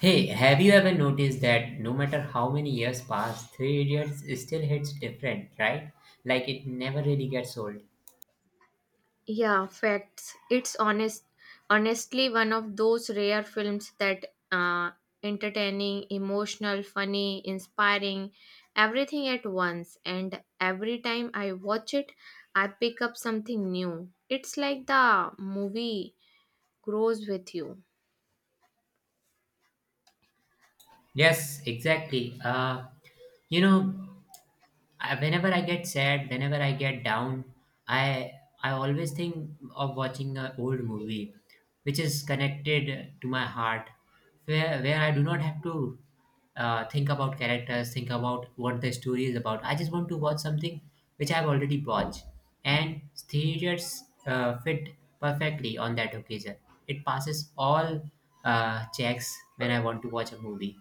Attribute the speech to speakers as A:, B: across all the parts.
A: Hey, have you ever noticed that no matter how many years pass, Three Idiots still hits different, right? Like it never really gets old.
B: Yeah, facts. It's honest, honestly one of those rare films that entertaining, emotional, funny, inspiring, everything at once. And every time I watch it, I pick up something new. It's like the movie grows with you.
A: Yes, exactly. You know, Whenever I get sad, whenever I get down, I I always think of watching an old movie, which is connected to my heart, where I do not have to think about characters, think about what the story is about. I just want to watch something which I've already watched, and theaters fit perfectly on that occasion. It passes all checks when I want to watch a movie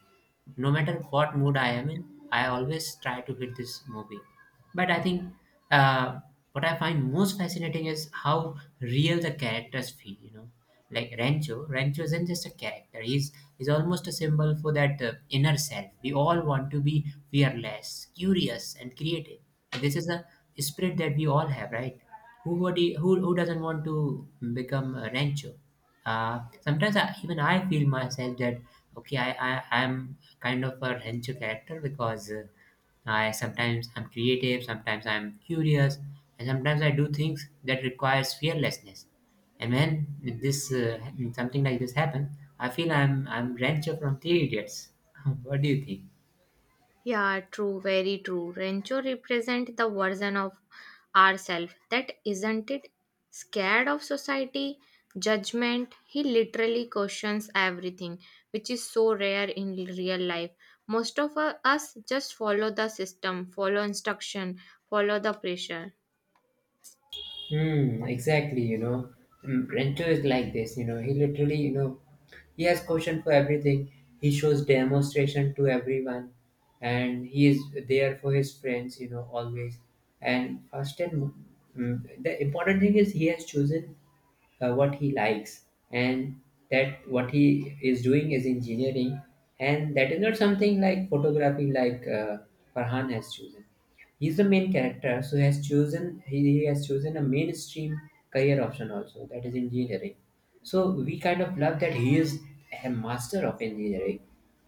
A: no matter what mood I am in, I always try to hit this movie. But I think uh, what I find most fascinating is how real the characters feel. You know, like Rancho. Rancho isn't just a character. He's almost a symbol for that inner self. We all want to be fearless, curious, and creative. This is a spirit that we all have, right? Who would he, who doesn't want to become a Rancho? Sometimes even I feel myself that okay, I'm kind of a rancher character because I sometimes I'm creative, sometimes I'm curious, and sometimes I do things that requires fearlessness. And when this something like this happen, I feel I'm rancher from Three Idiots. What do you think?
B: Yeah, true, very true. Rancho represent the version of ourself that isn't it scared of society, judgment. He literally questions everything, which is so rare in real life. Most of us just follow the system, follow instruction, follow the pressure.
A: Exactly, you know. Rancho is like this, you know. He literally, you know, he has caution for everything. He shows demonstration to everyone, and he is there for his friends, you know, always. And first and mo- mm, The important thing is he has chosen what he likes, and that what he is doing is engineering, and that is not something like photography like Farhan has chosen. He's the main character, so he has chosen a mainstream career option also, that is engineering. So we kind of love that he is a master of engineering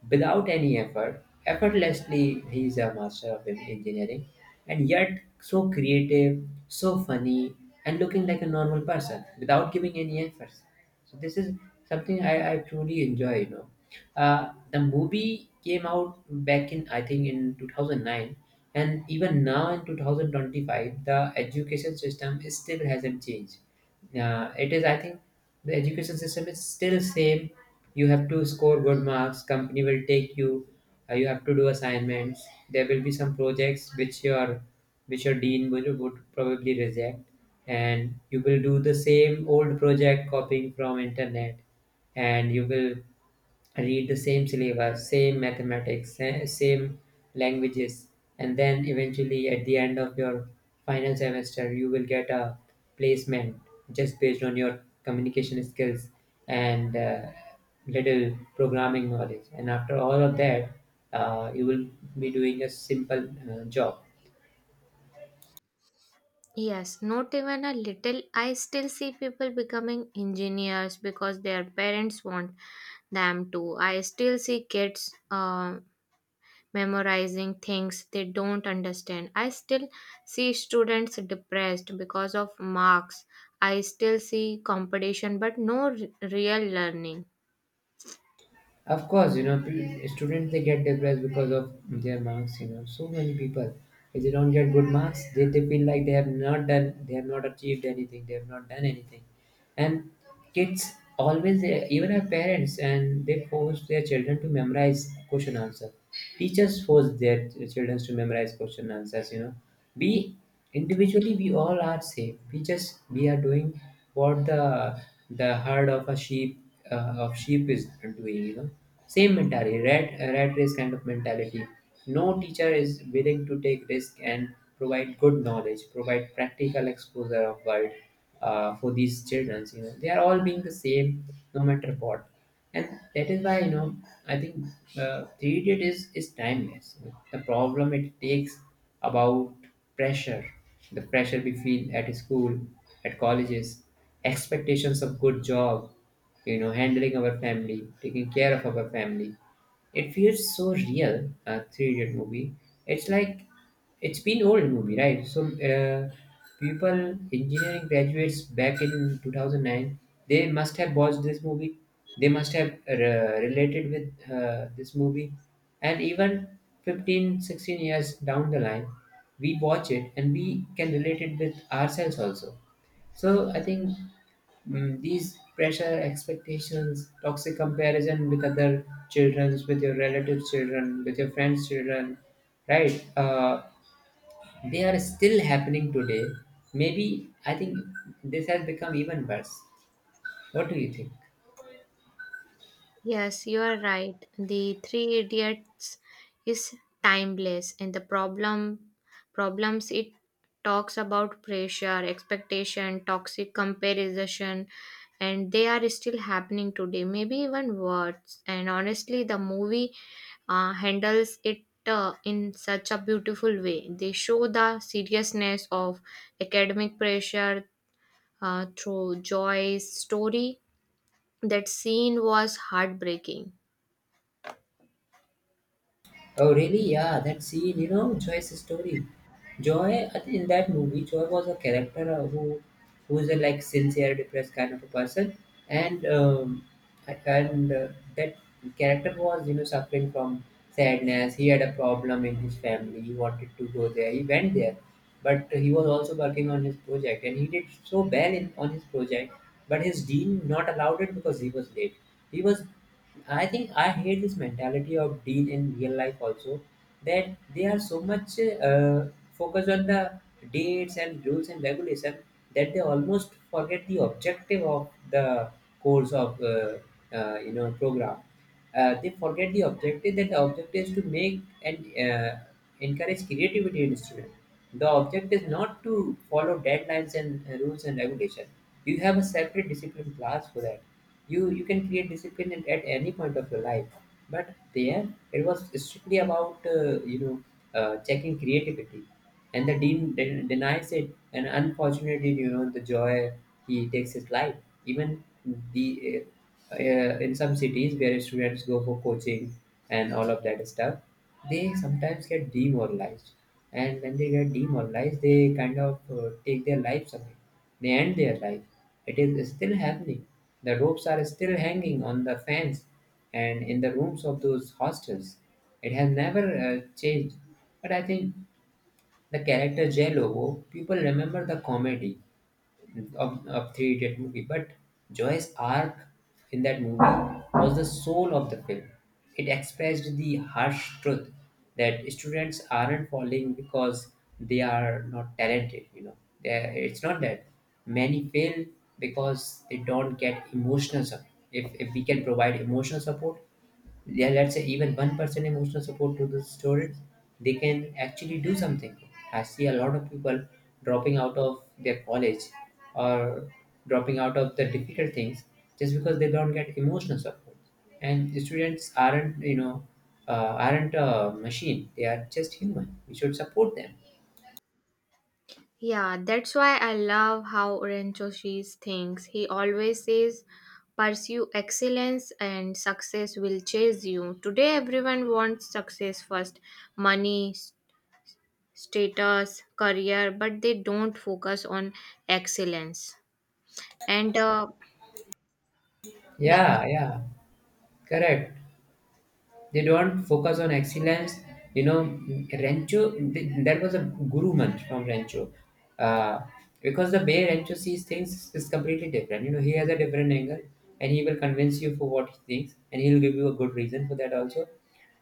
A: without any effort. Effortlessly, he is a master of engineering, and yet so creative, so funny, and looking like a normal person without giving any efforts. So this is something I truly enjoy, you know. The movie came out back in, I think, in 2009, and even now in 2025 the education system is still hasn't changed. Yeah, it is. I think the education system is still same. You have to score good marks. Company will take you. You have to do assignments. There will be some projects which your dean would probably reject, and you will do the same old project copying from internet, and you will read the same syllabus, same mathematics, same languages, and then eventually at the end of your final semester, you will get a placement just based on your communication skills and little programming knowledge. And after all of that, you will be doing a simple job.
B: Yes, not even a little. I still see people becoming engineers because their parents want them to. I still see kids memorizing things they don't understand. I still see students depressed because of marks. I still see competition but no real learning.
A: Of course, you know, students they get depressed because of their marks. You know, so many people, if they don't get good marks, they feel like they have not done, they have not achieved anything, they have not done anything, and kids always even our parents and they force their children to memorize question answer, teachers force their children to memorize question answers, you know. We individually we all are same, we just we are doing what the herd of a sheep, of sheep is doing, you know. Same mentality, rat race kind of mentality. No teacher is willing to take risk and provide good knowledge, provide practical exposure of world for these children, you know. They are all being the same, no matter what. And that is why, you know, I think three idiot is timeless. The problem it takes about pressure, the pressure we feel at school, at colleges, expectations of good job, you know, handling our family, taking care of our family. It feels so real, a three idiot movie. It's like it's been old movie, right? So people, engineering graduates back in 2009, they must have watched this movie. They must have related with this movie. And even 15, 16 years down the line, we watch it and we can relate it with ourselves also. So I think, these pressure expectations, toxic comparison with other children, with your relatives' children, with your friends' children, right? They are still happening today. Maybe, I think, this has become even worse. What do you think?
B: Yes, you are right. The Three Idiots is timeless, and the problems it talks about pressure, expectation, toxic comparison, and they are still happening today. Maybe even worse. And honestly, the movie handles it in such a beautiful way. They show the seriousness of academic pressure through Joy's story. That scene was heartbreaking.
A: Oh, really? Yeah, that scene, you know, Joy's story. Joy, I think in that movie, Joy was a character who is a like sincere, depressed kind of a person, and um, and that character was, you know, suffering from sadness. He had a problem in his family. He wanted to go there. He went there, but he was also working on his project, and he did so well in on his project, but his dean not allowed it because he was late. He was, I think, I hate this mentality of dean in real life also, that they are so much uh, focused on the dates and rules and regulation that they almost forget the objective of the course of you know, program. They forget the objective, that the objective is to make and uh, encourage creativity in students. The object is not to follow deadlines and rules and regulation. You have a separate discipline class for that. You can create discipline at any point of your life. But there it was strictly about, you know, checking creativity, and the dean denies it. And unfortunately, you know, the Joy, he takes his life. Even the uh, in some cities where students go for coaching and all of that stuff, they sometimes get demoralized. And when they get demoralized, they kind of take their lives away. They end their life. It is still happening. The ropes are still hanging on the fans and in the rooms of those hostels. It has never changed. But I think the character Jello, people remember the comedy of three updated movie. But Joy's arc in that movie was the soul of the film. It expressed the harsh truth that students aren't falling because they are not talented. You know, they it's not that many fail because they don't get emotional support. If we can provide emotional support, yeah, let's say even one person emotional support to the students, they can actually do something. I see a lot of people dropping out of their college or dropping out of the difficult things just because they don't get emotional support. And students aren't, you know, aren't a machine. They are just human. We should support them.
B: Yeah, that's why I love how Renchoshi thinks. He always says, pursue excellence and success will chase you. Today, everyone wants success first money, status, career, but they don't focus on excellence. And uh, yeah,
A: Yeah, yeah, correct. They don't focus on excellence. You know, Rancho, that was a guru month from Rancho. Uh, because the way Rancho sees things is completely different. You know, he has a different angle, and he will convince you for what he thinks, and he'll give you a good reason for that also.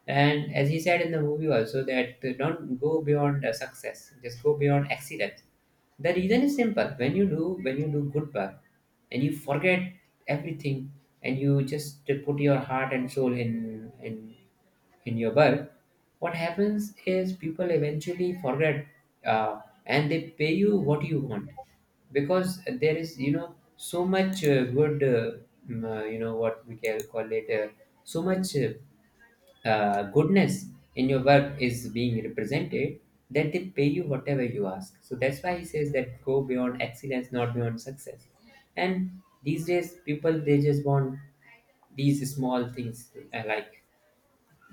A: And as he said in the movie also that don't go beyond success, just go beyond excellence. The reason is simple. When you do good work and you forget everything and you just put your heart and soul in your work, what happens is people eventually forget, uh, and they pay you what you want, because there is, you know, so much good mm, you know what we can call it so much goodness in your work is being represented, then they pay you whatever you ask. So that's why he says that go beyond excellence, not beyond success. And these days, people they just want these small things like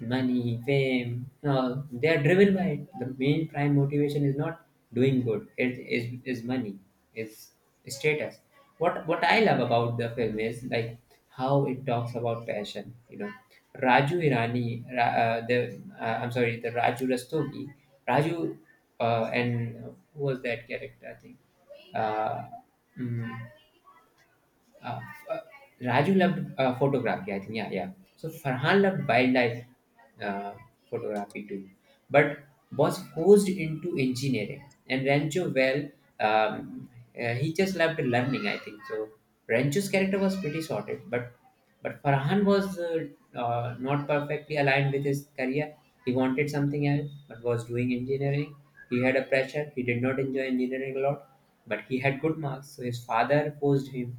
A: money, fame, no, they are driven by it. The main prime motivation is not doing good. It is money, is status. What I love about the film is like how it talks about passion. You know, Raju Irani, Ra- the I'm sorry, the Raju Rastogi, Raju, and who was that character, I think. Uh, mm, uh, uh, Raju loved photography, I think. Yeah, yeah. So Farhan loved wildlife uh, photography too, but was forced into engineering. And Rancho, well, um, he just loved learning, I think. So Rancho's character was pretty sorted, but Farhan was not perfectly aligned with his career. He wanted something else, but was doing engineering. He had a pressure. He did not enjoy engineering a lot, but he had good marks. So his father forced him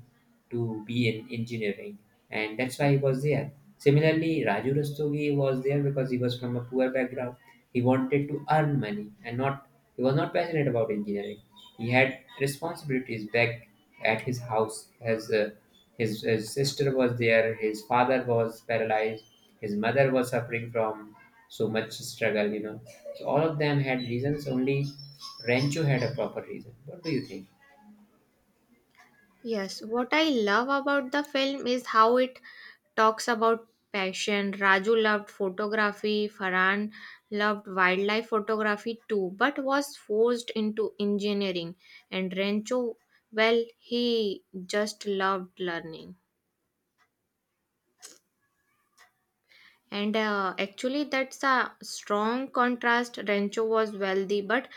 A: to be in engineering, and that's why he was there. Similarly, Raju Rastogi was there because he was from a poor background. He wanted to earn money and not he was not passionate about engineering. He had responsibilities back at his house. As His sister was there, his father was paralyzed, his mother was suffering from so much struggle. You know, so all of them had reasons. Only Rancho had a proper reason. What do you think?
B: Yes, what I love about the film is how it talks about passion. Raju loved photography, Farhan loved wildlife photography too, but was forced into engineering. And Rencho, well, he just loved learning. And actually that's a strong contrast. Rancho was wealthy but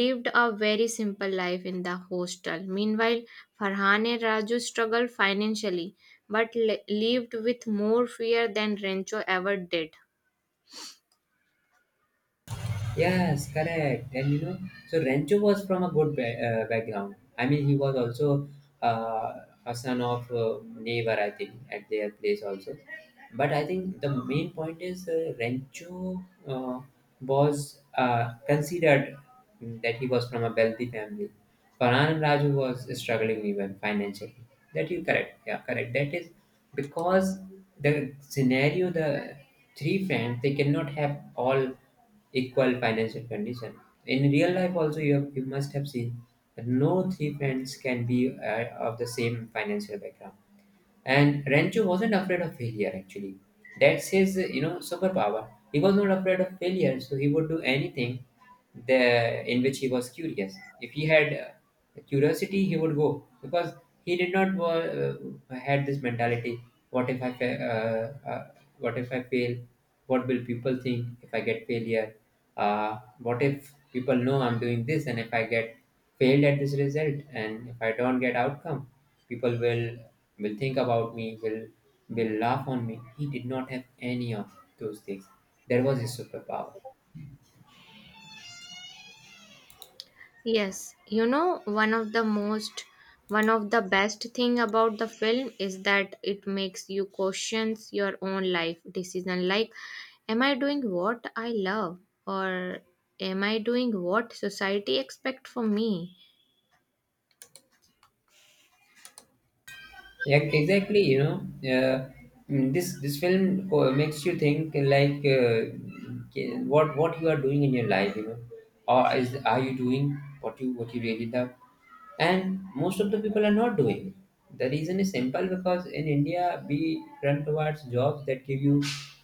B: lived a very simple life in the hostel. Meanwhile, Farhan and Raju struggled financially but lived with more fear than Rancho ever did.
A: Yes, correct. And you know, so Rancho was from a good background. I mean, he was also uh, a son of neighbor, I think, at their place also. But I think the main point is Rancho was considered that he was from a wealthy family. Farhan Raju was struggling even financially. That you correct. Yeah, correct. That is because the scenario, the three friends, they cannot have all equal financial condition. In real life, also you have, you must have seen that no three friends can be of the same financial background. And Rancho wasn't afraid of failure actually. That's his, you know, superpower. He was not afraid of failure, so he would do anything the in which he was curious. If he had curiosity, he would go because he did not had this mentality. What if I fa- uh, uh, what if I fail? What will people think if I get failure? What if people know I'm doing this and if I get failed at this result and if I don't get outcome? People will think about me, will laugh on me. He did not have any of those things. That was his superpower.
B: Yes, you know, one of the best thing about the film is that it makes you questions your own life decision, like am I doing what I love or am I doing what society expect from me?
A: Yeah, exactly. This makes you think like what you are doing in your life. You know, or is are you doing what you really love? And most of the people are not doing it. The reason is simple because in India we run towards jobs that give you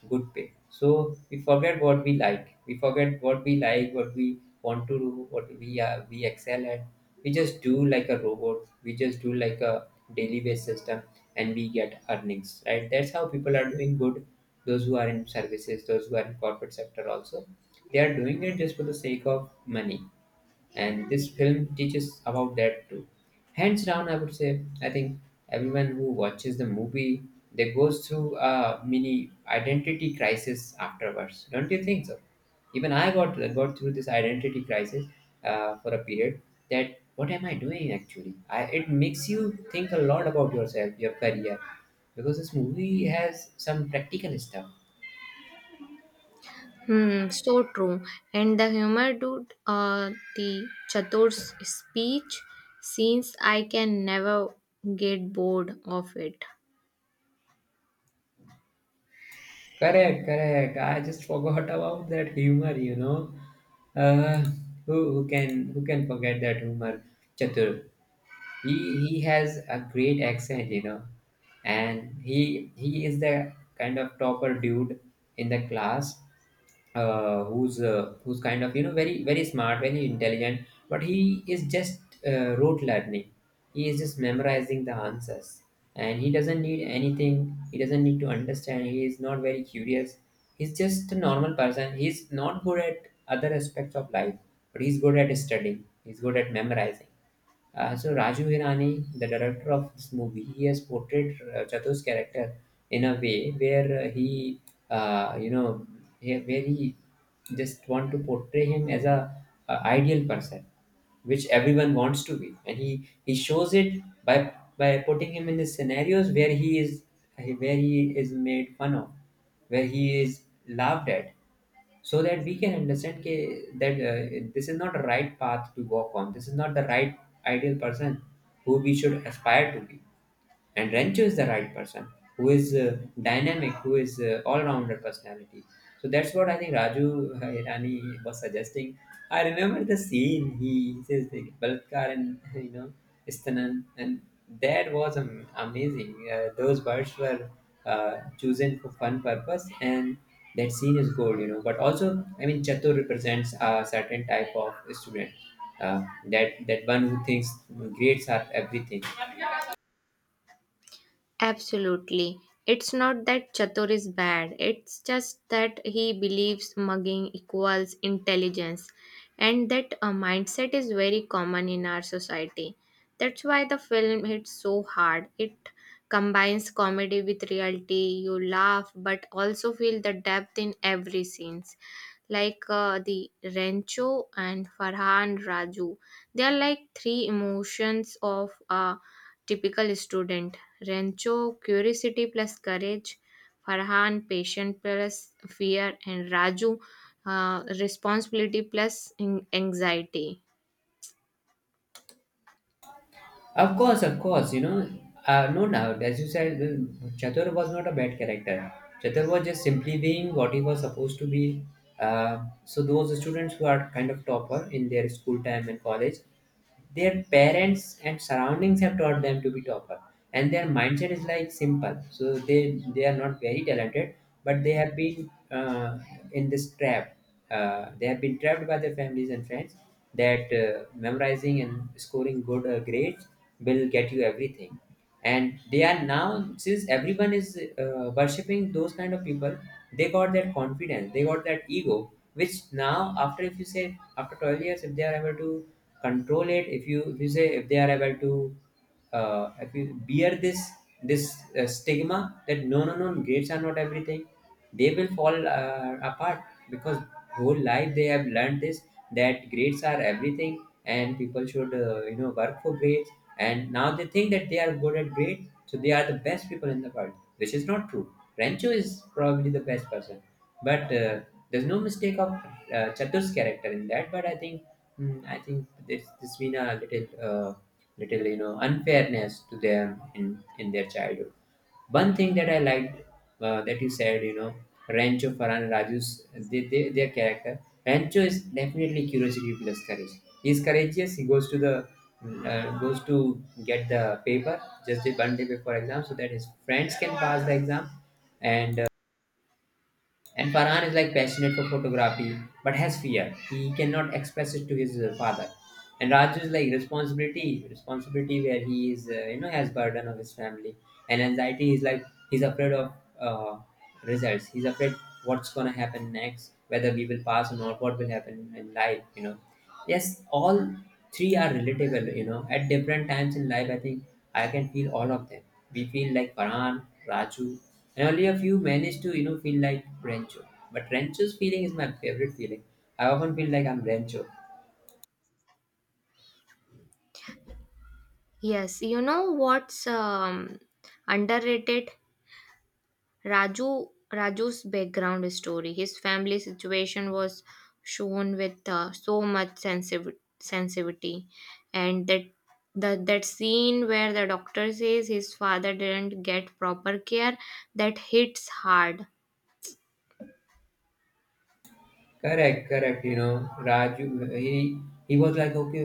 A: good pay. So we forget what we like. We forget what we like, what we want to do, what we are we excel at. We just do like a robot. We just do like a daily wage system, and we get earnings, right? That's how people are doing good. Those who are in services, those who are in corporate sector also, they are doing it just for the sake of money, and this film teaches about that too. Hands down, I would say, I think everyone who watches the movie, they goes through a mini identity crisis afterwards, don't you think so? Even I got through this identity crisis for a period. That what am I doing actually. It makes you think a lot about yourself, your career, because this movie has some practical stuff.
B: Hmm, so true. And the humor dude, the Chatur's speech scenes, I can never get bored of it.
A: Correct, correct. I just forgot about that humor, you know. Uh, who can forget that humor, Chatur? he he has a great accent, you know. And he is the kind of topper dude in the class, who's kind of, you know, very smart, very intelligent, but he is just rote learning. He is just memorizing the answers, and he doesn't need anything. He doesn't need to understand. He is not very curious. He's just a normal person. He's not good at other aspects of life, but he's good at studying, he's good at memorizing. So Raju Hirani, the director of this movie, he has portrayed Chatu's character in a way where he, you know, he- where he just want to portray him as a ideal person, which everyone wants to be, and he shows it by putting him in the scenarios where he is, where he is made fun of, where he is laughed at, so that we can understand ke, that this is not the right path to walk on. This is not the right ideal person who we should aspire to be, and Rancho is the right person who is dynamic, who is all-rounder personality. So that's what I think Raju Hirani was suggesting. I remember the scene. He says like Balkar and you know Istanan, and that was amazing. Those birds were chosen for fun purpose, and that scene is gold, you know. But also, I mean, Chatur represents a certain type of student. That one who thinks grades are everything.
B: Absolutely. It's not that Chatur is bad, it's just that he believes mugging equals intelligence, and that a mindset is very common in our society. That's why the film hits so hard. It combines comedy with reality. You laugh, but also feel the depth in every scene, like the Rancho and Farhan Raju. They are like three emotions of a typical student. Rancho, curiosity plus courage. Farhan, patient plus fear. And Raju, responsibility plus anxiety.
A: Of course, you know, no doubt. As you said, Chatur was not a bad character. Chatur was just simply being what he was supposed to be. So those students who are kind of topper in their school time and college, their parents and surroundings have taught them to be topper, and their mindset is like simple. So they are not very talented, but they have been in this trap. They have been trapped by their families and friends that memorizing and scoring good grades will get you everything. And they are now, since everyone is worshipping those kind of people, they got that confidence, they got that ego, which now, after, if you say, after 12 years, if they are able to control it, if you, if you say, if they are able to if we bear this this stigma that no, no, no, grades are not everything, they will fall apart, because whole life they have learned this, that grades are everything, and people should you know, work for grades. And now they think that they are good at grades, so they are the best people in the world, which is not true. Rancho is probably the best person, but there's no mistake of Chatur's character in that. But I think, I think this been a little little, you know, unfairness to them in their childhood. One thing that I liked, that you said, you know, Rancho Farhan Raju's, their character. Rancho is definitely curiosity plus courage. He's courageous. He goes to the goes to get the paper just the one day before exam so that his friends can pass the exam. and and Farhan is like passionate for photography, but has fear. He cannot express it to his father. And Raju is like responsibility, responsibility, where he is, you know, has burden of his family. And anxiety is like he's afraid of uh, results. He's afraid what's gonna happen next, whether we will pass or not, what will happen in life, you know. Yes, all three are relatable, you know, at different times in life, I think. I can feel all of them. We feel like Paran, Raju, and only a few manage to, you know, feel like Rancho. But Rancho's feeling is my favorite feeling. I often feel like I'm Rancho.
B: Yes, you know what's underrated? Raju Raju's background story, his family situation was shown with so much sensitivity, and that scene where the doctor says his father didn't get proper care, that hits hard.
A: Correct, correct. You know, Raju, he was like, okay,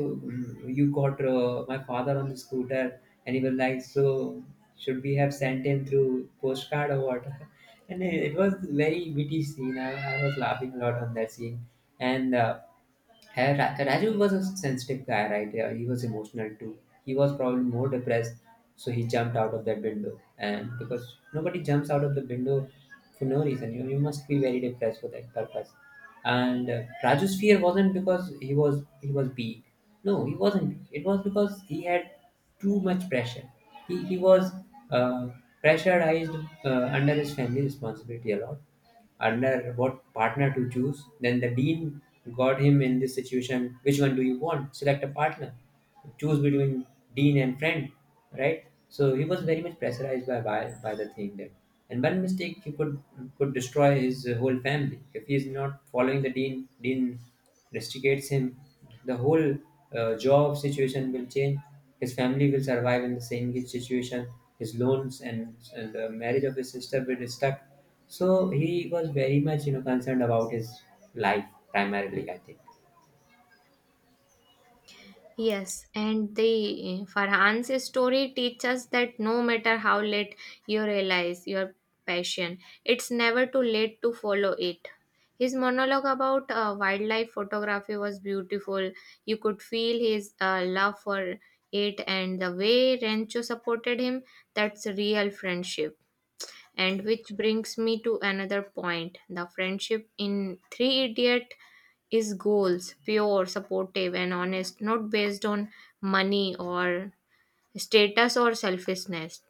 A: you got my father on the scooter, and he was like, so should we have sent him through postcard or what? And it was very witty scene. I was laughing a lot on that scene, and hey, Rajiv was a sensitive guy, right? Yeah, he was emotional too. He was probably more depressed, so he jumped out of that window. And because nobody jumps out of the window for no reason, you must be very depressed for that purpose. And Raju's fear wasn't because he was weak. No, he wasn't weak. It was because he had too much pressure. He was uh, pressurized under his family responsibility a lot, under what partner to choose. Then the dean got him in this situation. Which one do you want? Select a partner. Choose between dean and friend, right? So he was very much pressurized by by the thing there. And one mistake he could destroy his whole family if he is not following the dean. Dean rusticates him. The whole job situation will change. His family will survive in the same situation. His loans, and the marriage of his sister will be stuck. So he was very much, you know, concerned about his life primarily, I think.
B: Yes, and the Farhan's story teaches that no matter how late you realize your passion, it's never too late to follow it. His monologue about wildlife photography was beautiful. You could feel his love for it, and the way Rancho supported him. That's real friendship. And which brings me to another point. The friendship in Three Idiot is goals, pure, supportive, and honest, not based on money or status or selfishness.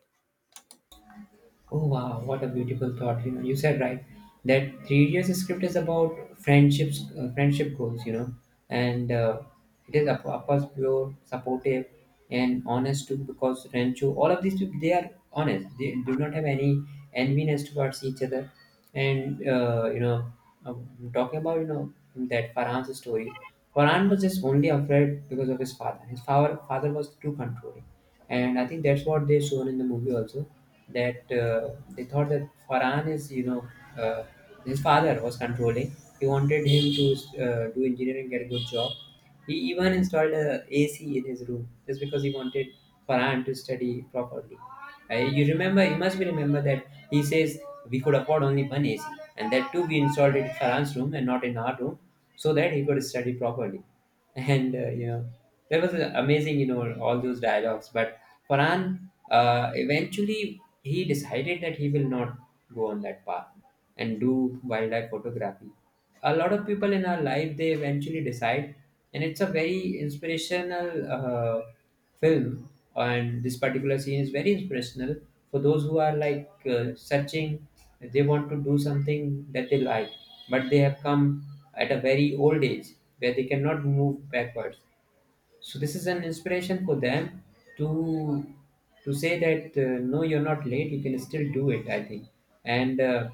A: Oh wow, what a beautiful thought. You know, you said right that three years script is about friendships, friendship goals. You know, and it is, of course, pure, supportive, and honest too. Because Rancho, all of these people, they are honest. They do not have any enviness towards each other. And you know, I'm talking about, you know, that Farhan's story. Farhan was just only afraid because of his father. His father was too controlling, and I think that's what they shown in the movie also, that they thought that Farhan is, you know, uh, his father was controlling. He wanted him to do engineering, get a good job. He even installed a AC in his room just because he wanted Farhan to study properly. You remember, you must be remember that he says we could afford only one AC, and that too we installed it in Farhan's room and not in our room, so that he could study properly. And that was amazing, you know, all those dialogues. But Farhan, eventually he decided that he will not go on that path and do wildlife photography. A lot of people in our life they eventually decide, and it's a very inspirational uh, film, and this particular scene is very inspirational for those who are like searching. They want to do something that they like, but they have come at a very old age where they cannot move backwards. So this is an inspiration for them to say that no, you're not late, you can still do it, I think. And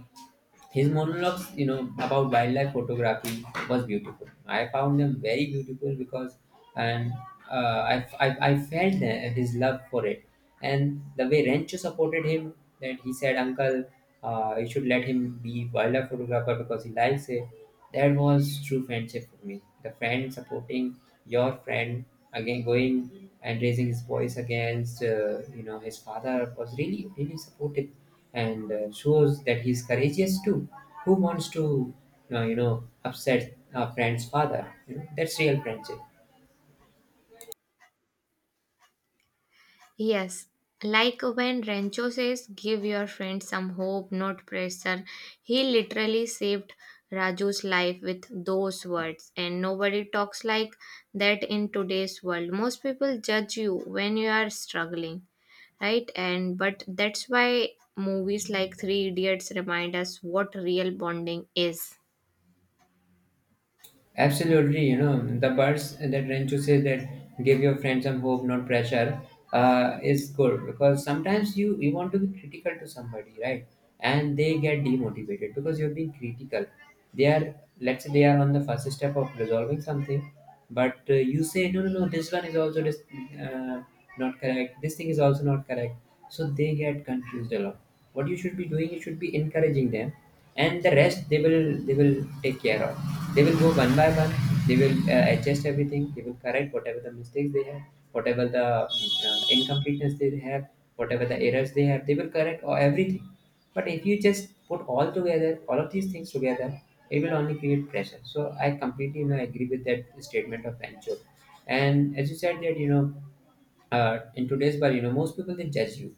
A: His monologues, you know, about wildlife photography was beautiful. I found them very beautiful because and uh, I, I felt his love for it, and the way Rancho supported him, that he said, uncle, you should let him be wildlife photographer because he likes it. That was true friendship for me. The friend supporting your friend, again, going and raising his voice against, his father, was really really supportive, and shows that he's courageous too. Who wants to upset a friend's father? You know that's real friendship.
B: Yes, like when Rancho says, give your friend some hope, not pressure. He literally saved Raju's life with those words, and nobody talks like that in today's world. Most people judge you when you are struggling, right? And but that's why movies like Three Idiots remind us what real bonding is.
A: Absolutely, you know, the words that Rancho says, that give your friend some hope, not pressure, is good, because sometimes you want to be critical to somebody, right? And they get demotivated because you're being critical. They are, let's say, they are on the first step of resolving something, but you say, no, no, no, this one is also uh, not correct, this thing is also not correct. So they get confused a lot. What you should be doing, you should be encouraging them, and the rest they will take care of. They will go one by one, they will adjust everything, they will correct whatever the mistakes they have, whatever the incompleteness they have, whatever the errors they have, they will correct or everything. But if you just put all together all of these things together, it will only create pressure. So I completely, you know, agree with that statement of Pancho. And as you said that, you know, in today's world, you know, most people they judge you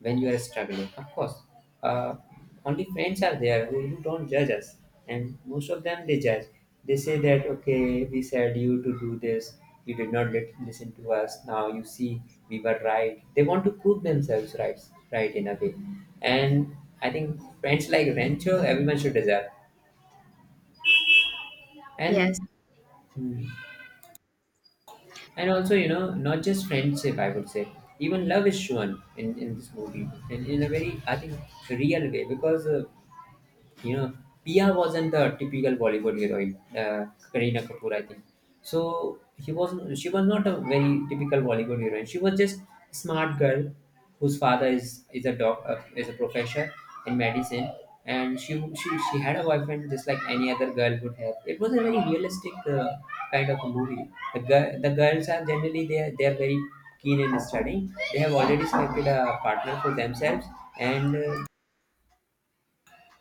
A: when you are struggling. Of course, uh, only friends are there who don't judge us, and most of them they judge. They say that okay, we said you to do this, you did not listen to us. Now you see we were right. They want to prove themselves right, right in a way, and I think friends like Rancho, everyone should deserve.
B: Yes,
A: And Hmm. And also, you know, not just friendship, I would say even love is shown in this movie, in a very, I think, real way. Because you know Pia wasn't the typical Bollywood heroine, Kareena Kapoor I think. So he was she was not a very typical Bollywood heroine, she was just a smart girl whose father is a doc is a professor in medicine. And she had a boyfriend just like any other girl would have. It was a very realistic kind of a movie. The girls are generally, they are very keen in studying, they have already selected a partner for themselves, and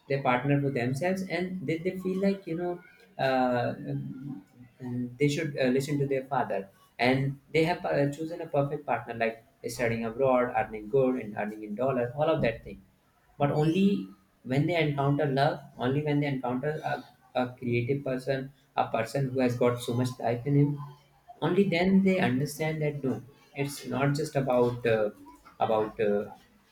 A: they partner to themselves and they feel like, you know, uh, they should listen to their father, and they have chosen a perfect partner, like studying abroad, earning good, and earning in dollar, all of that thing. But only when they encounter love, only when they encounter a creative person, a person who has got so much life in him, only then they understand that no, it's not just about about uh,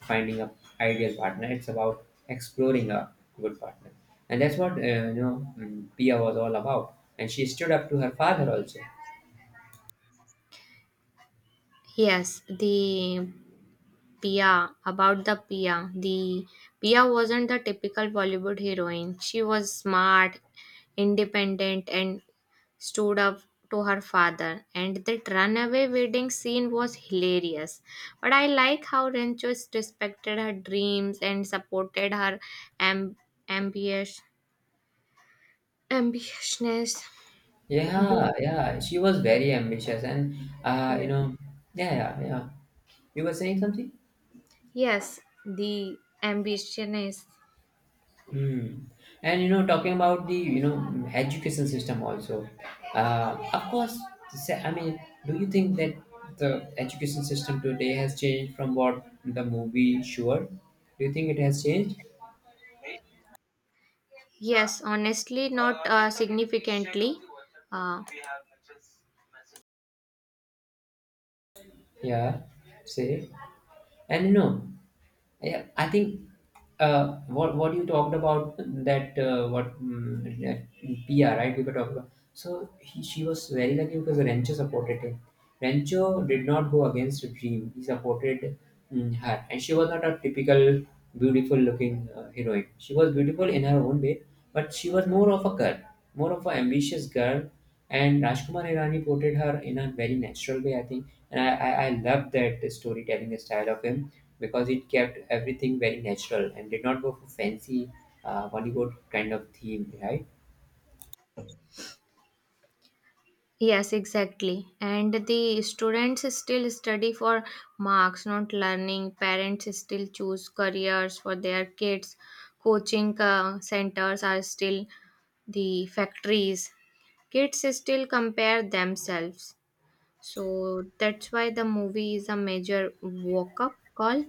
A: finding a ideal partner, it's about exploring a good partner. And that's what, Pia was all about, and she stood up to her father also.
B: yes, the Pia, about the Pia. The Pia wasn't the typical Bollywood heroine. She was smart, independent, and stood up to her father. And that runaway wedding scene was hilarious. But I like how Rancho respected her dreams and supported her amb- ambition, ambitiousness.
A: Yeah,
B: Do-
A: yeah, she was very ambitious, and uh, you
B: Yes.
A: know yeah, yeah, yeah, you were saying something.
B: Yes, the ambition is
A: Hmm. And you know, talking about the, you know, education system also, of course. I mean, do you think that the education system today has changed from what the movie? Sure? Do you think it has changed?
B: yes, honestly, not significantly. Uh,
A: Yeah, say. And you know, yeah, I think what you talked about, that that PR, right, we were talking about. So she was very lucky because Rancho supported him. Rancho did not go against the dream. He supported, her, and she was not a typical beautiful looking heroine. She was beautiful in her own way, but she was more of a girl, more of an ambitious girl. And Rajkumar Hirani portrayed her in a very natural way, I think. And I love that storytelling style of him, because it kept everything very natural and did not go for fancy Bollywood kind of theme, right?
B: Yes, exactly. And the students still study for marks, not learning. Parents still choose careers for their kids. Coaching centers are still the factories. Kids still compare themselves. So that's why the movie is a major woke up call.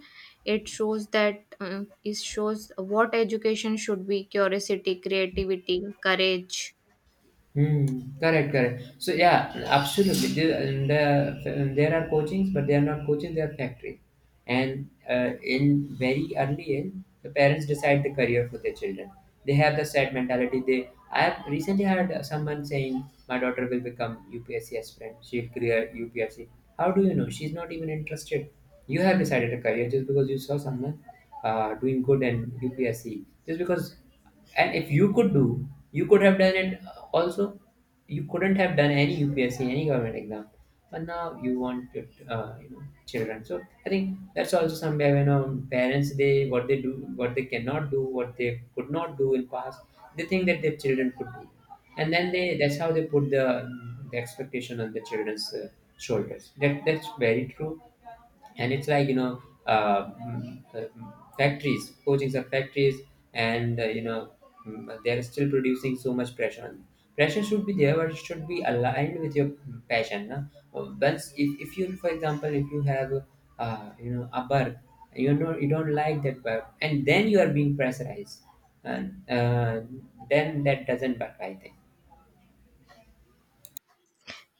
B: It shows that it shows what education should be curiosity, creativity, courage.
A: Hmm. Correct, correct. So yeah, absolutely. There, and, there are coachings, but they are not coaching, they are factory. And in very early age, the parents decide the career for their children. They have the set mentality. They I have recently heard someone saying, "My daughter will become UPSC aspirant. She'll clear UPSC." How do you know? She's not even interested. You have decided a career just because you saw someone doing good in UPSC. Just because, and if you could do, you could have done it, also. You couldn't have done any UPSC, any government exam, but now you want it, children. So I think that's also somewhere when, parents, they what they do, what they cannot do, what they could not do in past, they think that their children could do. And then they that's how they put the expectation on the children's shoulders. That that's very true. And it's like, you know, mm, mm, factories coachings are factories, and they're still producing so much pressure on them. Pressure should be there, but it should be aligned with your passion, na? Once, if you, for example, if you have a work, you know, you don't like that work and then you are being pressurized, and then that doesn't work, I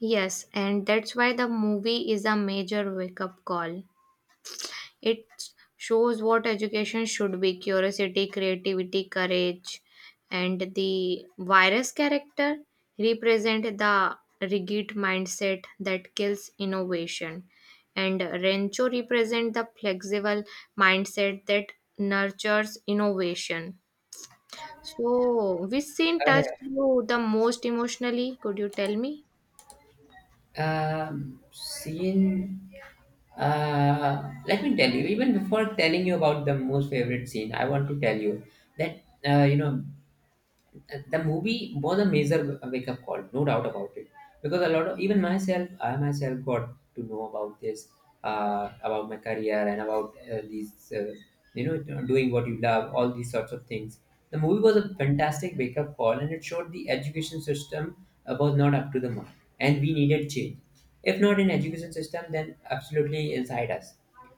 B: Yes, and that's why the movie is a major wake up call. It shows what education should be curiosity, creativity, courage, and the virus character represent the rigid mindset that kills innovation. And Rencho represent the flexible mindset that nurtures innovation. So, which scene
A: think.
B: touched you the most emotionally? Could you tell me?
A: Scene. Let me tell you. Even before telling you about the most favorite scene, I want to tell you that, you know, the movie was a major wake up call, no doubt about it. Because a lot of, even myself, I myself got to know about this, about my career and about, you know, doing what you love, all these sorts of things. The movie was a fantastic wake up call, and it showed the education system was not up to the mark, and we needed change, if not in education system then absolutely inside us.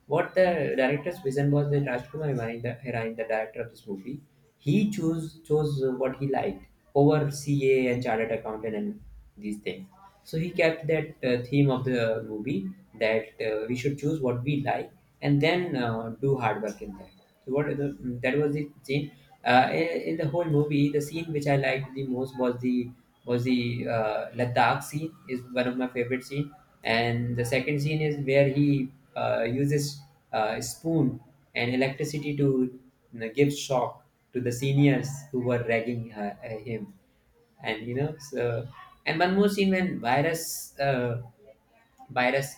A: What the director's vision was, that Rajkumar Hirani, Hirani, the director of this movie, he chose chose what he liked over CA, and chartered accountant and these things. So he kept that theme of the movie that we should choose what we like, and then do hard work in that. So that was the scene, in the whole movie, the scene which I liked the most, was the Ladakh scene, is one of my favorite scene. And the second scene is where he uses spoon and electricity to, you know, give shock to the seniors who were ragging him, and you know, so. And one more scene, when virus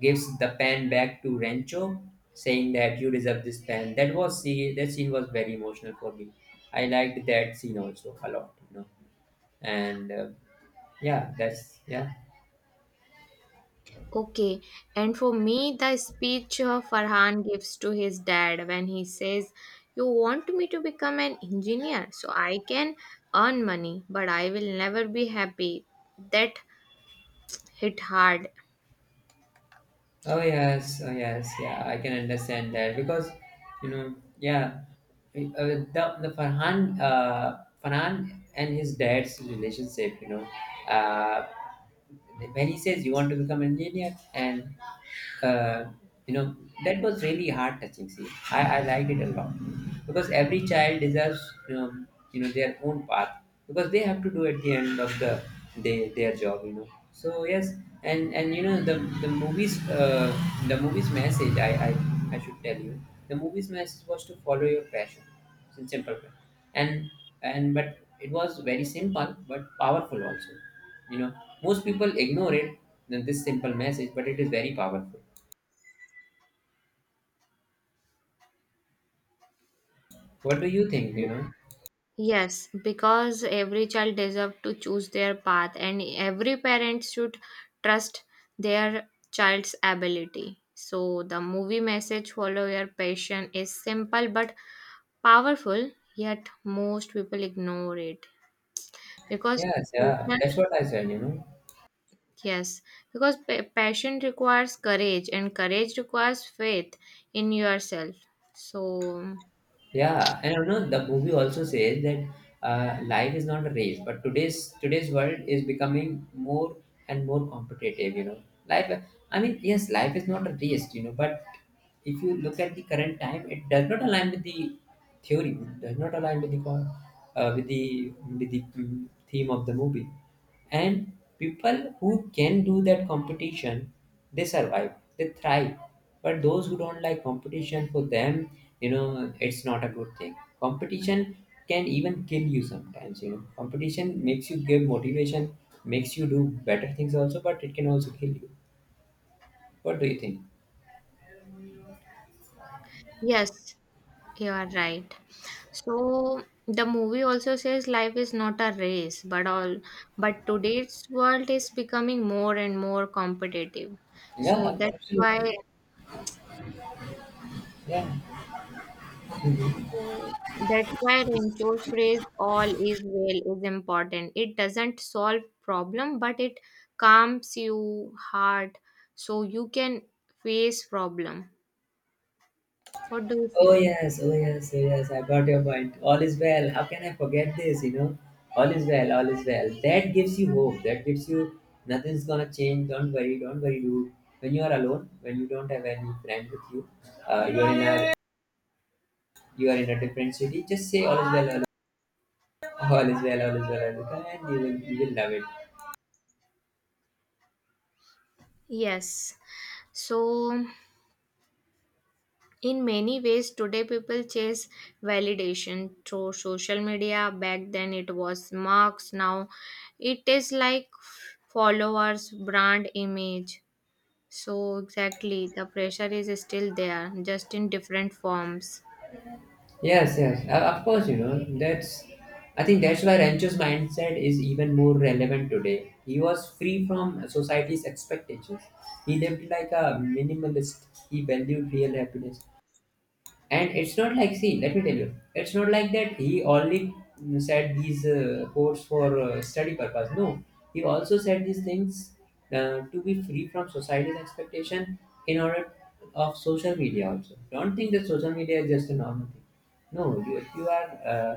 A: gives the pen back to Rancho, saying that you deserve this pen. That was, see, that scene was very emotional for me. I liked that scene also a lot. And yeah, that's, yeah.
B: Okay, and for me, the speech Farhan gives to his dad when he says, you want me to become an engineer so I can earn money, but I will never be happy. That hit hard.
A: Oh yes, oh yes, yeah, I can understand that because yeah. The Farhan and his dad's relationship, uh, when he says you want to become an engineer and uh, you know that was really heart touching. See, I liked it a lot because every child deserves their own path, because they have to do at the end of the day their job, so yes. And the the movies uh, the movies message, I should tell you the movies message was to follow your passion, in simple way. And but it was very simple but powerful also, you know, most people ignore it, then this simple message, but it is very powerful. What do you think?
B: Yes, because every child deserves to choose their path, and every parent should trust their child's ability. So, the movie message follow your passion is simple but powerful, yet most people ignore it because
A: Yes, yeah,
B: passion,
A: that's what I said.
B: yes, because passion requires courage and courage requires faith in yourself. So,
A: Yeah, and the movie also says that life is not a race, but today's world is becoming more and more competitive. Life. I mean, yes, life is not a race. But if you look at the current time, it does not align with the theory, does not align with the uh, with the theme of the movie. And people who can do that competition, they survive, they thrive, but those who don't like competition, for them, it's not a good thing. Competition can even kill you sometimes. Competition makes you give motivation, makes you do better things also, but it can also kill you. What do you think?
B: yes, you are right. So the movie also says life is not a race, but all but today's world is becoming more and more competitive. So
A: Yeah,
B: that's why
A: absolutely. Yeah. Mm-hmm.
B: So that's why Rancho's phrase all is well is important. It doesn't solve problem, but it calms you heart so you can face problem. What do you
A: Oh
B: think?
A: yes, oh yes, oh yes, I got your point. All is well. How can I forget this, you know? All is well, all is well. That gives you hope. That gives you nothing's gonna change. Don't worry, don't worry. You When you are alone, when you don't have any friend with you, uh, you are in a you are in a different city, just say all is well, all is well, all is well, all is well, and you will love it.
B: Yes. So in many ways today people chase validation through social media. Back then it was marks. Now it is like followers, brand image. So, exactly, the pressure is still there, just in different forms.
A: Yes, yes, of course, I think that's why Rancho's mindset is even more relevant today. He was free from society's expectations. He lived like a minimalist. He valued real happiness. And it's not like, see, let me tell you, it's not like that he only said these quotes for study purpose. No, he also said these things to be free from society's expectation. In order of social media also, don't think that social media is just a normal thing. No, you are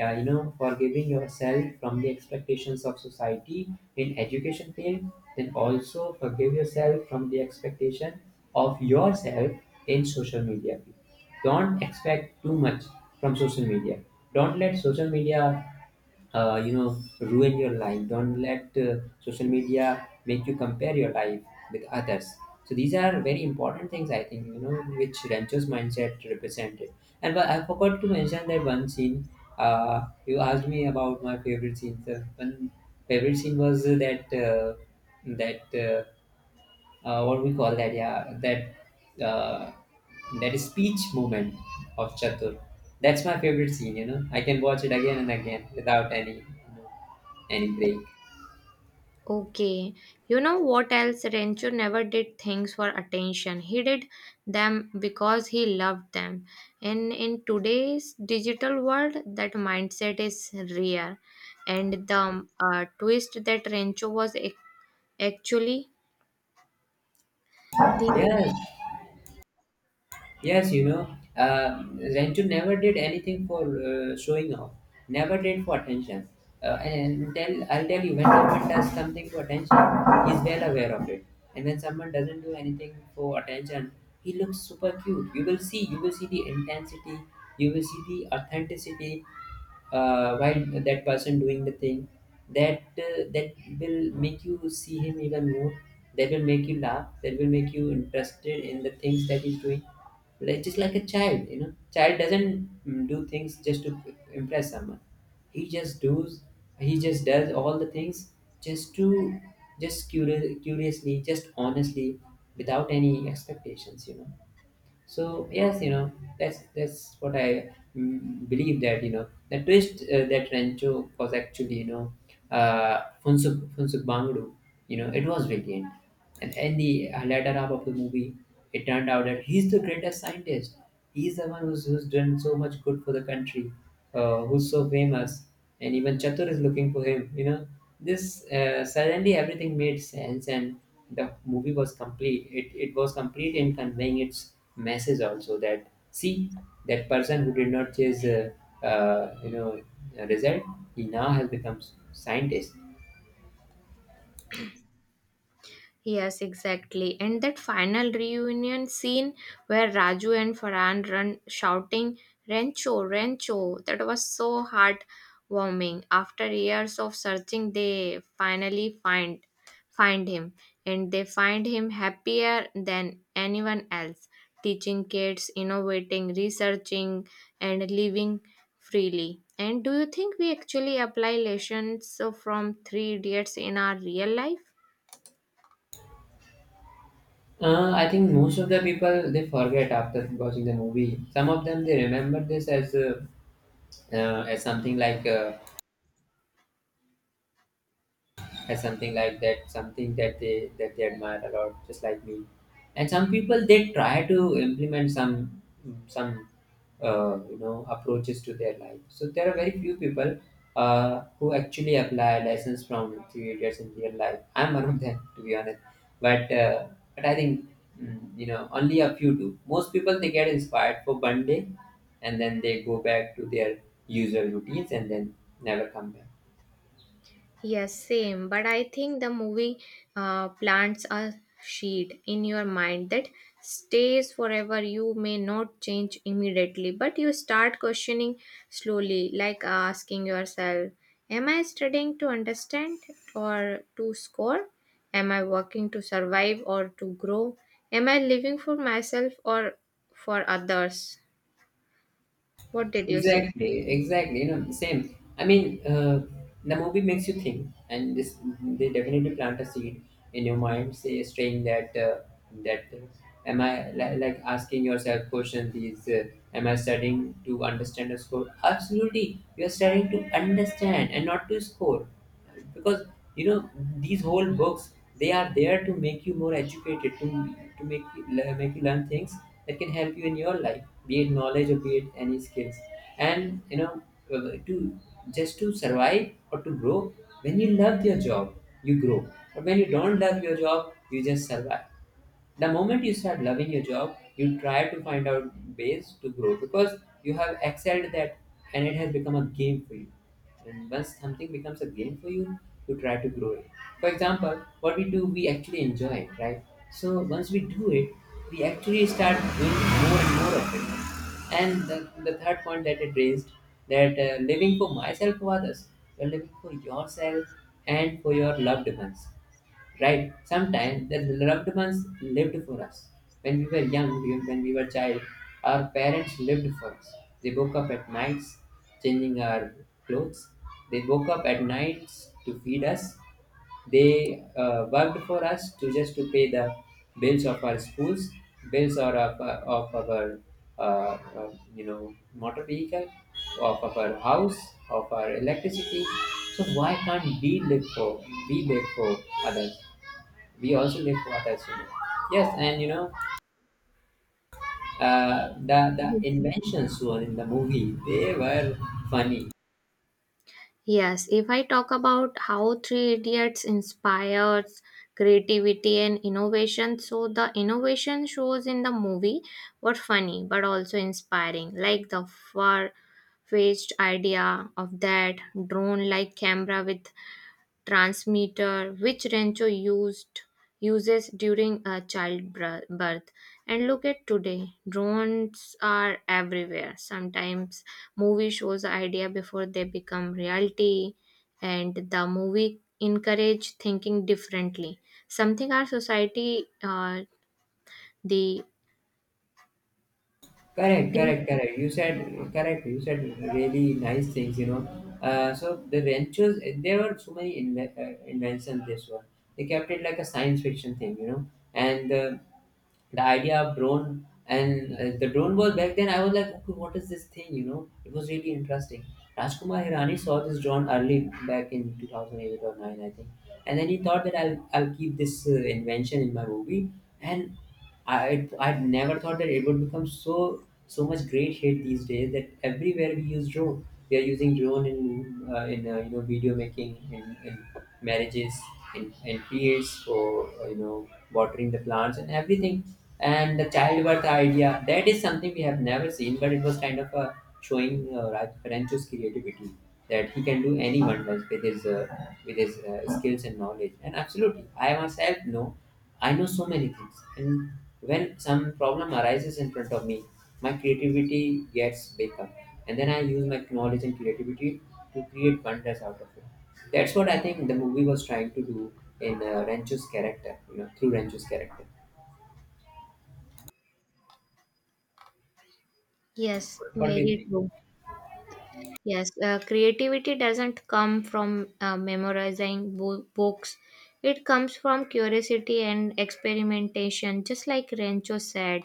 A: yeah, forgiving yourself from the expectations of society in education field. Then also forgive yourself from the expectation of yourself in social media field. Don't expect too much from social media. Don't let social media ruin your life. Don't let social media make you compare your life with others. So these are very important things, I think, which Rancho's mindset represented. And but I forgot to mention that one scene. You asked me about my favorite scene. The one favorite scene was that that uh, what we call that? Yeah, that that speech moment of Chatur. That's my favorite scene. I can watch it again and again without any any break.
B: Okay, you know what else? Rancho never did things for attention. He did them because he loved them. And in today's digital world, that mindset is rare. And the twist that Rancho was actually the
A: Yes, yes, Rantu never did anything for showing off, never did for attention. And tell, I'll tell you, when someone does something for attention, he's well aware of it. And when someone doesn't do anything for attention, he looks super cute. You will see the intensity, you will see the authenticity, while that person doing the thing, that will make you see him even more, that will make you laugh, that will make you interested in the things that he's doing, like, just like a child. Child doesn't do things just to impress someone. He just does, all the things just to, just curiously, just honestly, without any expectations. So yes, that's what I believe. That, the twist, that Rancho was actually, Funsuk Bangru, it was brilliant. And in the latter half of the movie, it turned out that he's the greatest scientist. He's the one who's, who's done so much good for the country, who's so famous, and even Chatur is looking for him. This suddenly everything made sense, and the movie was complete. It was complete in conveying its message also, that, see, that person who did not chase uh, you know a result, he now has become scientist.
B: Yes, exactly. And that final reunion scene where Raju and Farhan run shouting Rancho, Rancho, that was so heartwarming. After years of searching, they finally find him, and they find him happier than anyone else, teaching kids, innovating, researching and living freely. And do you think we actually apply lessons from three idiots in our real life?
A: I think most of the people they forget after watching the movie. Some of them they remember this as something like. Or something like that, something that they, admire a lot, just like me. And some people they try to implement some, some approaches to their life. So there are very few people who actually apply lessons from three idiots in real life. I'm one of them, to be honest. but uh, but I think, only a few do. Most people they get inspired for one day, and then they go back to their usual routines, and then never come back.
B: Yes, same. But I think the movie plants a seed in your mind that stays forever. You may not change immediately, but you start questioning slowly, like asking yourself, am I studying to understand or to score? Am I working to survive or to grow? Am I living for myself or for others? What did you say?
A: Exactly, exactly. Same. I mean, the movie makes you think, and this, they definitely plant a seed in your mind, saying that that uh, am I like asking yourself questions? These, am I studying to understand a score? Absolutely, you are studying to understand and not to score, because you know these whole books, they are there to make you more educated, to make you, make you learn things that can help you in your life, be it knowledge or be it any skills. And to, just to survive or to grow. When you love your job, you grow, but when you don't love your job, you just survive. The moment you start loving your job, you try to find out ways to grow, because you have excelled at that, and it has become a game for you. And once something becomes a game for you, you try to grow it. For example, what we do, we actually enjoy it, right? So once we do it, we actually start doing more and more of it. And the third point that it raised, that living for myself for others, you're living for yourself and for your loved ones, right? Sometimes the loved ones lived for us. When we were young, when we were child, our parents lived for us. They woke up at nights, changing our clothes. They woke up at nights to feed us. They worked for us, to just to pay the bills of our schools, bills or of our motor vehicle, of our house, of our electricity. So why can't we live for, we live for others? We also live for others. You know. Yes, and the inventions were in the movie. They were funny.
B: Yes, if I talk about how Three Idiots inspires creativity and innovation, so the innovation shows in the movie were funny but also inspiring, like the far fetched idea of that drone like camera with transmitter which Rancho used uses during a childbirth. And look at today, drones are everywhere. Sometimes movie shows idea before they become reality, and the movie encourage thinking differently. Something our society, the,
A: Correct,
B: the
A: correct, correct. You said correct. You said really nice things. So the ventures, there were so many inventions. This one they kept it like a science fiction thing. And the idea of drone, and the drone was back then, I was like, okay, what is this thing, it was really interesting. Rajkumar Hirani saw this drone early back in 2008 or 9, I think. And then he thought that I'll keep this invention in my movie. And I never thought that it would become so much great hit these days, that everywhere we use drone. We are using drone in video making, in marriages, in fields for watering the plants and everything. And the childbirth idea, that is something we have never seen, but it was kind of a showing Raj Rancho's creativity, that he can do any wonders with his skills and knowledge. And absolutely, I myself know. I know so many things, and when some problem arises in front of me, my creativity gets big up, and then I use my knowledge and creativity to create wonders out of it. That's what I think the movie was trying to do in Rancho's character, through Rancho's character.
B: Yes,
A: What do you
B: very
A: think?
B: true. Yes, creativity doesn't come from memorizing books. It comes from curiosity and experimentation, just like Rancho said.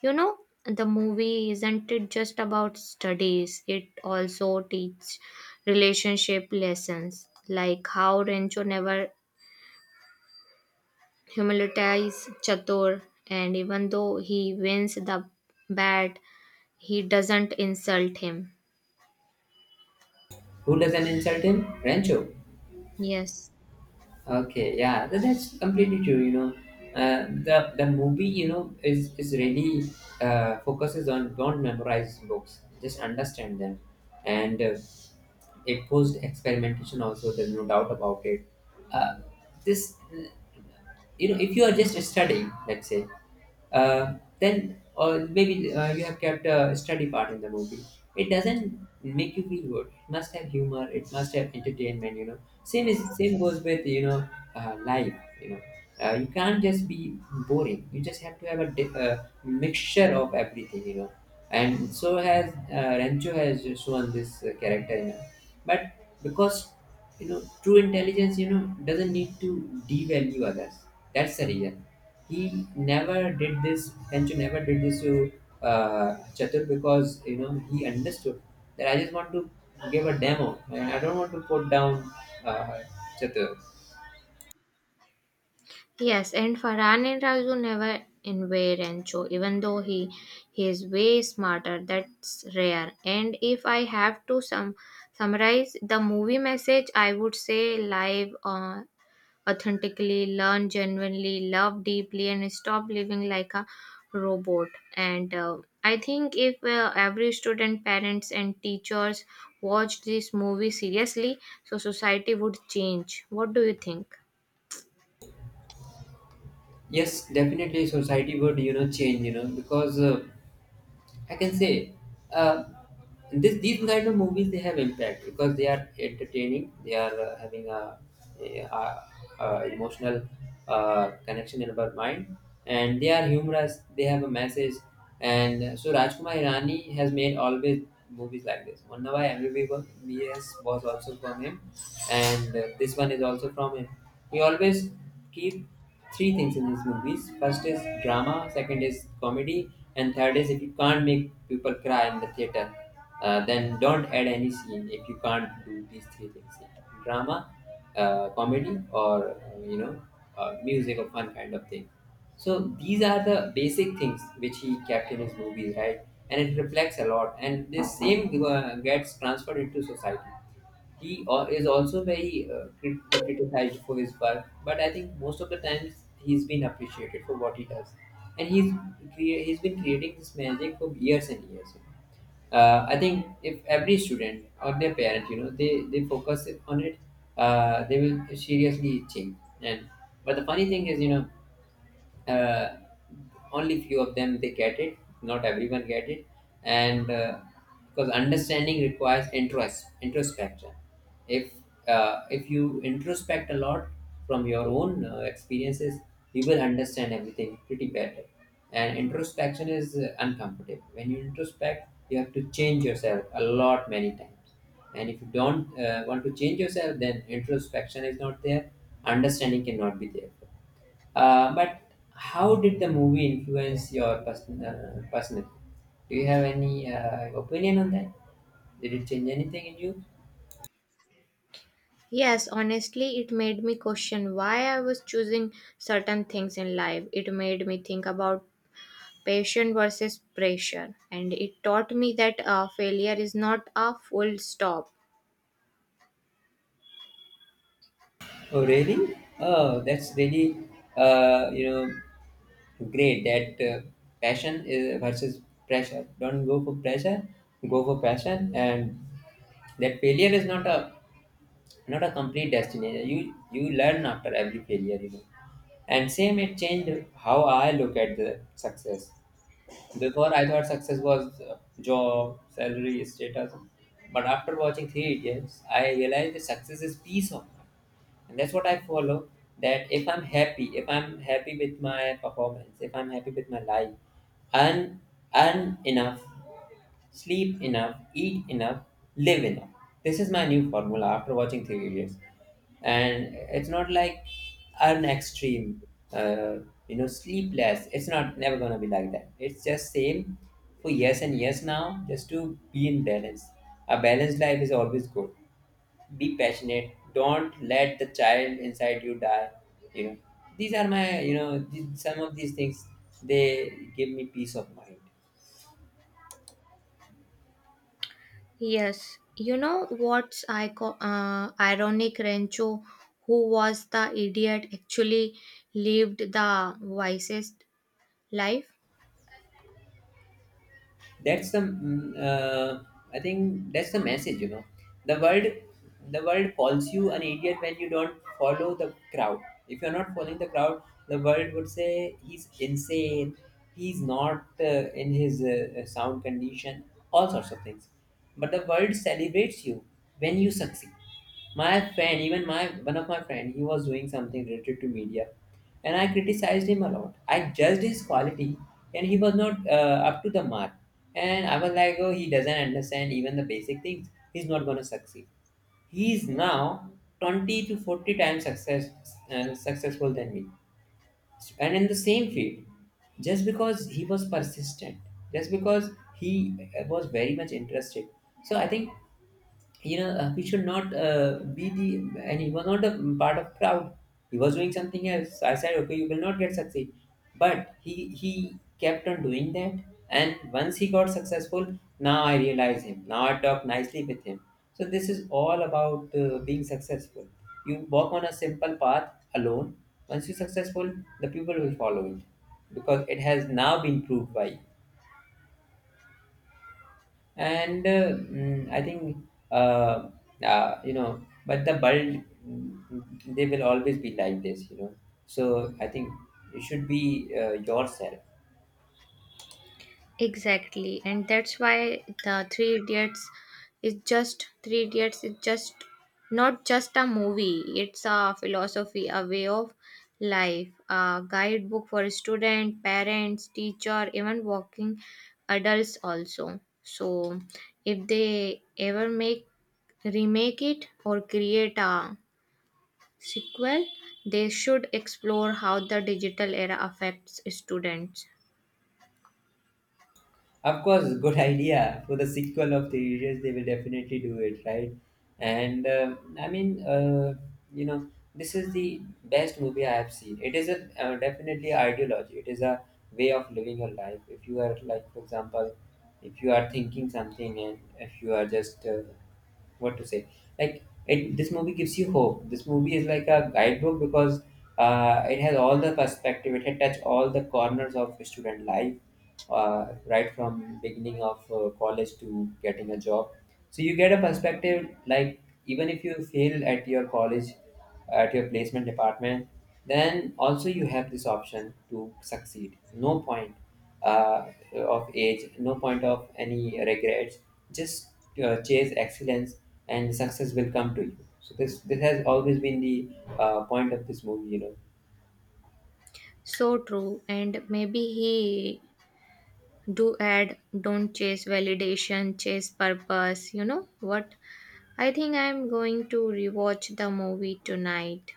B: You know, the movie isn't it just about studies, it also teaches relationship lessons, like how Rancho never humiliates Chatur, and even though he wins the bat, he doesn't insult him.
A: Who doesn't insult him? Rancho.
B: Yes.
A: Okay, yeah, that's completely true. The movie, is really focuses on don't memorize books, just understand them, and it posed experimentation also. There's no doubt about it. Uh, this, if you are just studying, let's say. Then, or maybe you have kept a study part in the movie, it doesn't make you feel good. It must have humor. It must have entertainment. Same goes with life. You know, you can't just be boring. You just have to have a mixture of everything. And so has Rancho has shown this character. But because true intelligence, you know, doesn't need to devalue others. That's the reason he never did this, Tenchu never did this to Chatur, because you know he understood that I just want to give a demo and I don't want to put down uh, Chatur.
B: Yes, and Farhan and Raju never invade Encho, even though he is way smarter. That's rare. And if I have to summarize the movie message, I would say live authentically, learn genuinely, love deeply, and stop living like a robot. And I think if every student, parents, and teachers watched this movie seriously, so society would change. What do you think?
A: Yes, definitely society would, you know, change, you know, because I can say uh, this these kind of movies, they have impact because they are entertaining. They are having a, a, a emotional connection in our mind, and they are humorous. They have a message, and so Rajkumar Hirani has made always movies like this. Mannavai MBBS was also from him, and this one is also from him. We always keep three things in his movies. First is drama, second is comedy, and third is, if you can't make people cry in the theater, then don't add any scene if you can't do these three things: drama, comedy, or music or fun kind of thing. So these are the basic things which he kept in his movies, right? And it reflects a lot, and this same gets transferred into society. He is also very criticized for his work, but I think most of the times he's been appreciated for what he does, and he's been creating this magic for years and years. You know? I think if every student or their parent, you know, they focus on it, they will seriously change. And but the funny thing is, you know, uh, only few of them they get it, not everyone get it, and because understanding requires introspection. If if you introspect a lot from your own experiences, you will understand everything pretty better. And introspection is uncomfortable. When you introspect, you have to change yourself a lot many times, and if you don't want to change yourself, then introspection is not there, understanding cannot be there. But how did the movie influence your personal? Do you have any opinion on that? Did it change anything in you?
B: Yes, honestly, it made me question why I was choosing certain things in life. It made me think about passion versus pressure, and it taught me that failure is not a full stop.
A: Oh, really? Oh, that's really, uh, you know, great that passion is versus pressure. Don't go for pressure, go for passion, and that failure is not a, not a complete destination. You learn after every failure, you know. And same, it changed how I look at the success. Before, I thought success was job, salary, status. But after watching Three Idiots, I realized that success is peace of mind. And that's what I follow. That if I'm happy with my performance, if I'm happy with my life, and and enough. Sleep enough, eat enough, live enough. This is my new formula after watching Three Idiots. And it's not like an extreme, uh, sleepless. It's not never gonna be like that. It's just same for yes, and yes now, just to be in balance. A balanced life is always good. Be passionate. Don't let the child inside you die. You know, these are my, you know, some of these things. They give me peace of mind.
B: Yes, you know what's ironic? Rancho, who was the idiot, actually lived the wisest life.
A: That's the I think that's the message, you know. The world, the world calls you an idiot when you don't follow the crowd. If you're not following the crowd, the world would say he's insane, he's not in his sound condition, all sorts of things. But the world celebrates you when you succeed. My friend, even my, one of my friend, he was doing something related to media, and I criticized him a lot, I judged his quality, and he was not up to the mark. And I was like, oh, he doesn't understand even the basic things, he's not going to succeed. He's now 20 to 40 times successful than me, and in the same field, just because he was persistent, just because he was very much interested. So I think, you know, we should not be the, and he was not a part of crowd, he was doing something else. I said okay, you will not get succeed, but he kept on doing that, and once he got successful, now I realize him, now I talk nicely with him. So this is all about being successful. You walk on a simple path alone. Once you're successful, the people will follow it, because it has now been proved by you. And I think uh, uh, you know but the bulb, they will always be like this, you know. So I think you should be yourself.
B: Exactly, and that's why the Three Idiots is just not just a movie. It's a philosophy, a way of life, a guidebook for students, parents, teacher, even working adults also. So, if they ever make remake it or create a sequel, they should explore how the digital era affects students.
A: Of course, good idea. For the sequel of the series, they will definitely do it, right? And you know, this is the best movie I have seen. It is a definitely ideology. It is a way of living your life. If you are like, for example, if you are thinking something, and if you are just what to say like it, this movie gives you hope. This movie is like a guidebook because it has all the perspective. It had touched all the corners of student life, right from beginning of college to getting a job. So you get a perspective, like, even if you fail at your college, at your placement department, then also you have this option to succeed. No point of age, no point of any regrets. Just chase excellence, and success will come to you. So this has always been the point of this movie, you know.
B: So true, and maybe he do add don't chase validation, chase purpose. You know what? I think I'm going to rewatch the movie tonight.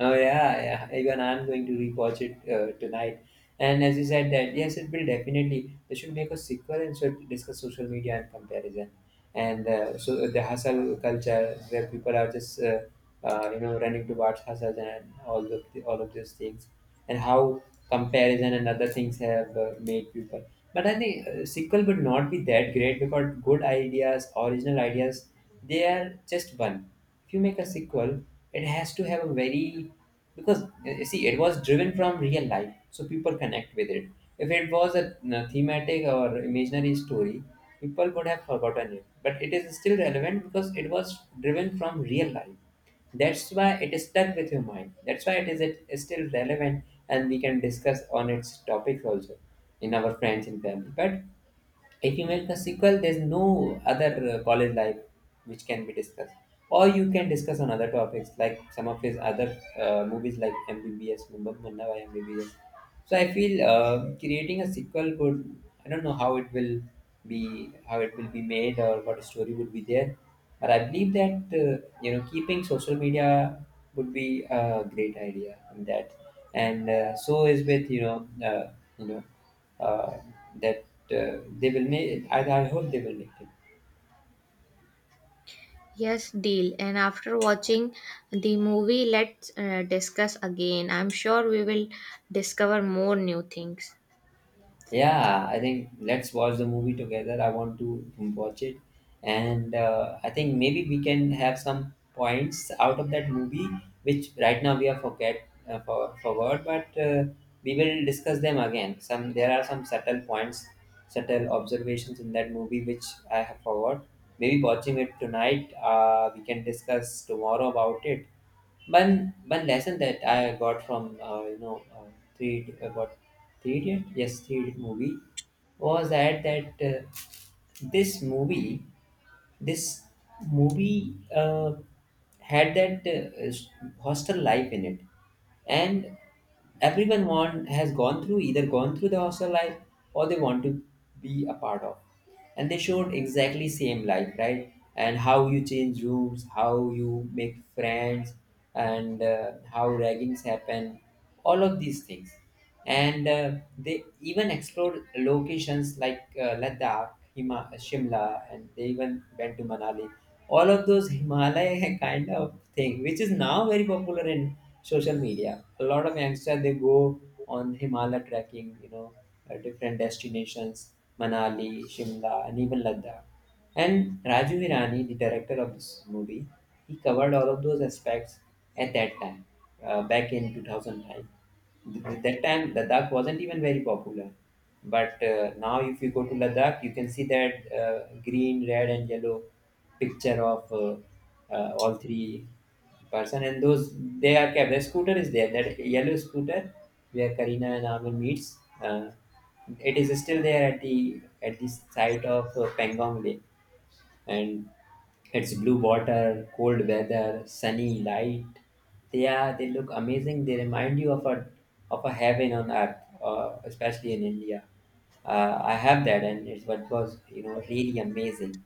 A: Oh yeah, yeah. Even I'm going to rewatch it tonight. And as you said that, yes, it will definitely. They should make a sequel and should discuss social media and comparison, and so the hustle culture where people are just running towards hustles and all of all of those things, and how comparison and other things have made people. But I think sequel would not be that great because good ideas, original ideas, they are just one. If you make a sequel, it has to have a very, because you see it was driven from real life, so people connect with it. If it was a thematic or imaginary story, people would have forgotten it. But it is still relevant because it was driven from real life. That's why it is stuck with your mind. That's why it is still relevant, and we can discuss on its topics also in our friends and family. But if you make a sequel, there's no other college life which can be discussed, or you can discuss on other topics like some of his other movies like MBBS, Mumbai Munna by MBBS. So I feel creating a sequel would, I don't know how it will be, how it will be made, or what story would be there. But I believe that keeping social media would be a great idea in that. And so is with you know uh, that they will make it. I hope they will make it.
B: Yes, deal. And after watching the movie, let's discuss again. I'm sure we will discover more new things.
A: Yeah, I think let's watch the movie together. I want to watch it, and I think maybe we can have some points out of that movie which right now we are for forward, but we will discuss them again. Some there are some subtle points, subtle observations in that movie which I have forgot. Maybe watching it tonight, we can discuss tomorrow about it. One lesson that I got from three what three idiot, yes, Three Idiot movie, was that that this movie, this movie uh, had that hostel life in it. And everyone want has gone through, either gone through the hostel life or they want to be a part of. And they showed exactly same life, right? And how you change rooms, how you make friends, and how raggings happen, all of these things. And they even explored locations like Ladakh, Shimla, and they even went to Manali. All of those Himalaya kind of thing, which is now very popular in social media. A lot of youngsters, they go on Himalaya trekking, you know, different destinations, Manali, Shimla, and even Ladakh. And Raju Hirani, the director of this movie, he covered all of those aspects at that time, back in 2009. That time, Ladakh wasn't even very popular. But now, if you go to Ladakh, you can see that green, red, and yellow picture of all three person, and those, they are kept. The scooter is there, that yellow scooter where Karina and Amal meets. It is still there at the site of Pangong Lake, and it's blue water, cold weather, sunny light. They are, they look amazing. They remind you of a, of a heaven on earth, especially in India. I have that, and it was, you know, really amazing.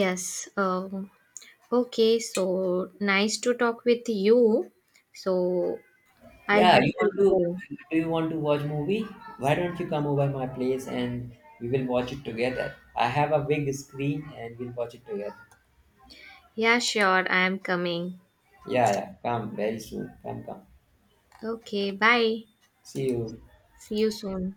B: Yes. Okay, so nice to talk with you. So I'll
A: Yeah,
B: have
A: you want
B: to
A: to
B: go.
A: do, you want to watch movie? Why don't you come over my place and we will watch it together. I have a big screen and we'll watch it together.
B: Yeah, sure, I am coming.
A: Yeah, yeah, come very soon. Come, come.
B: Okay, bye.
A: See you.
B: See you soon.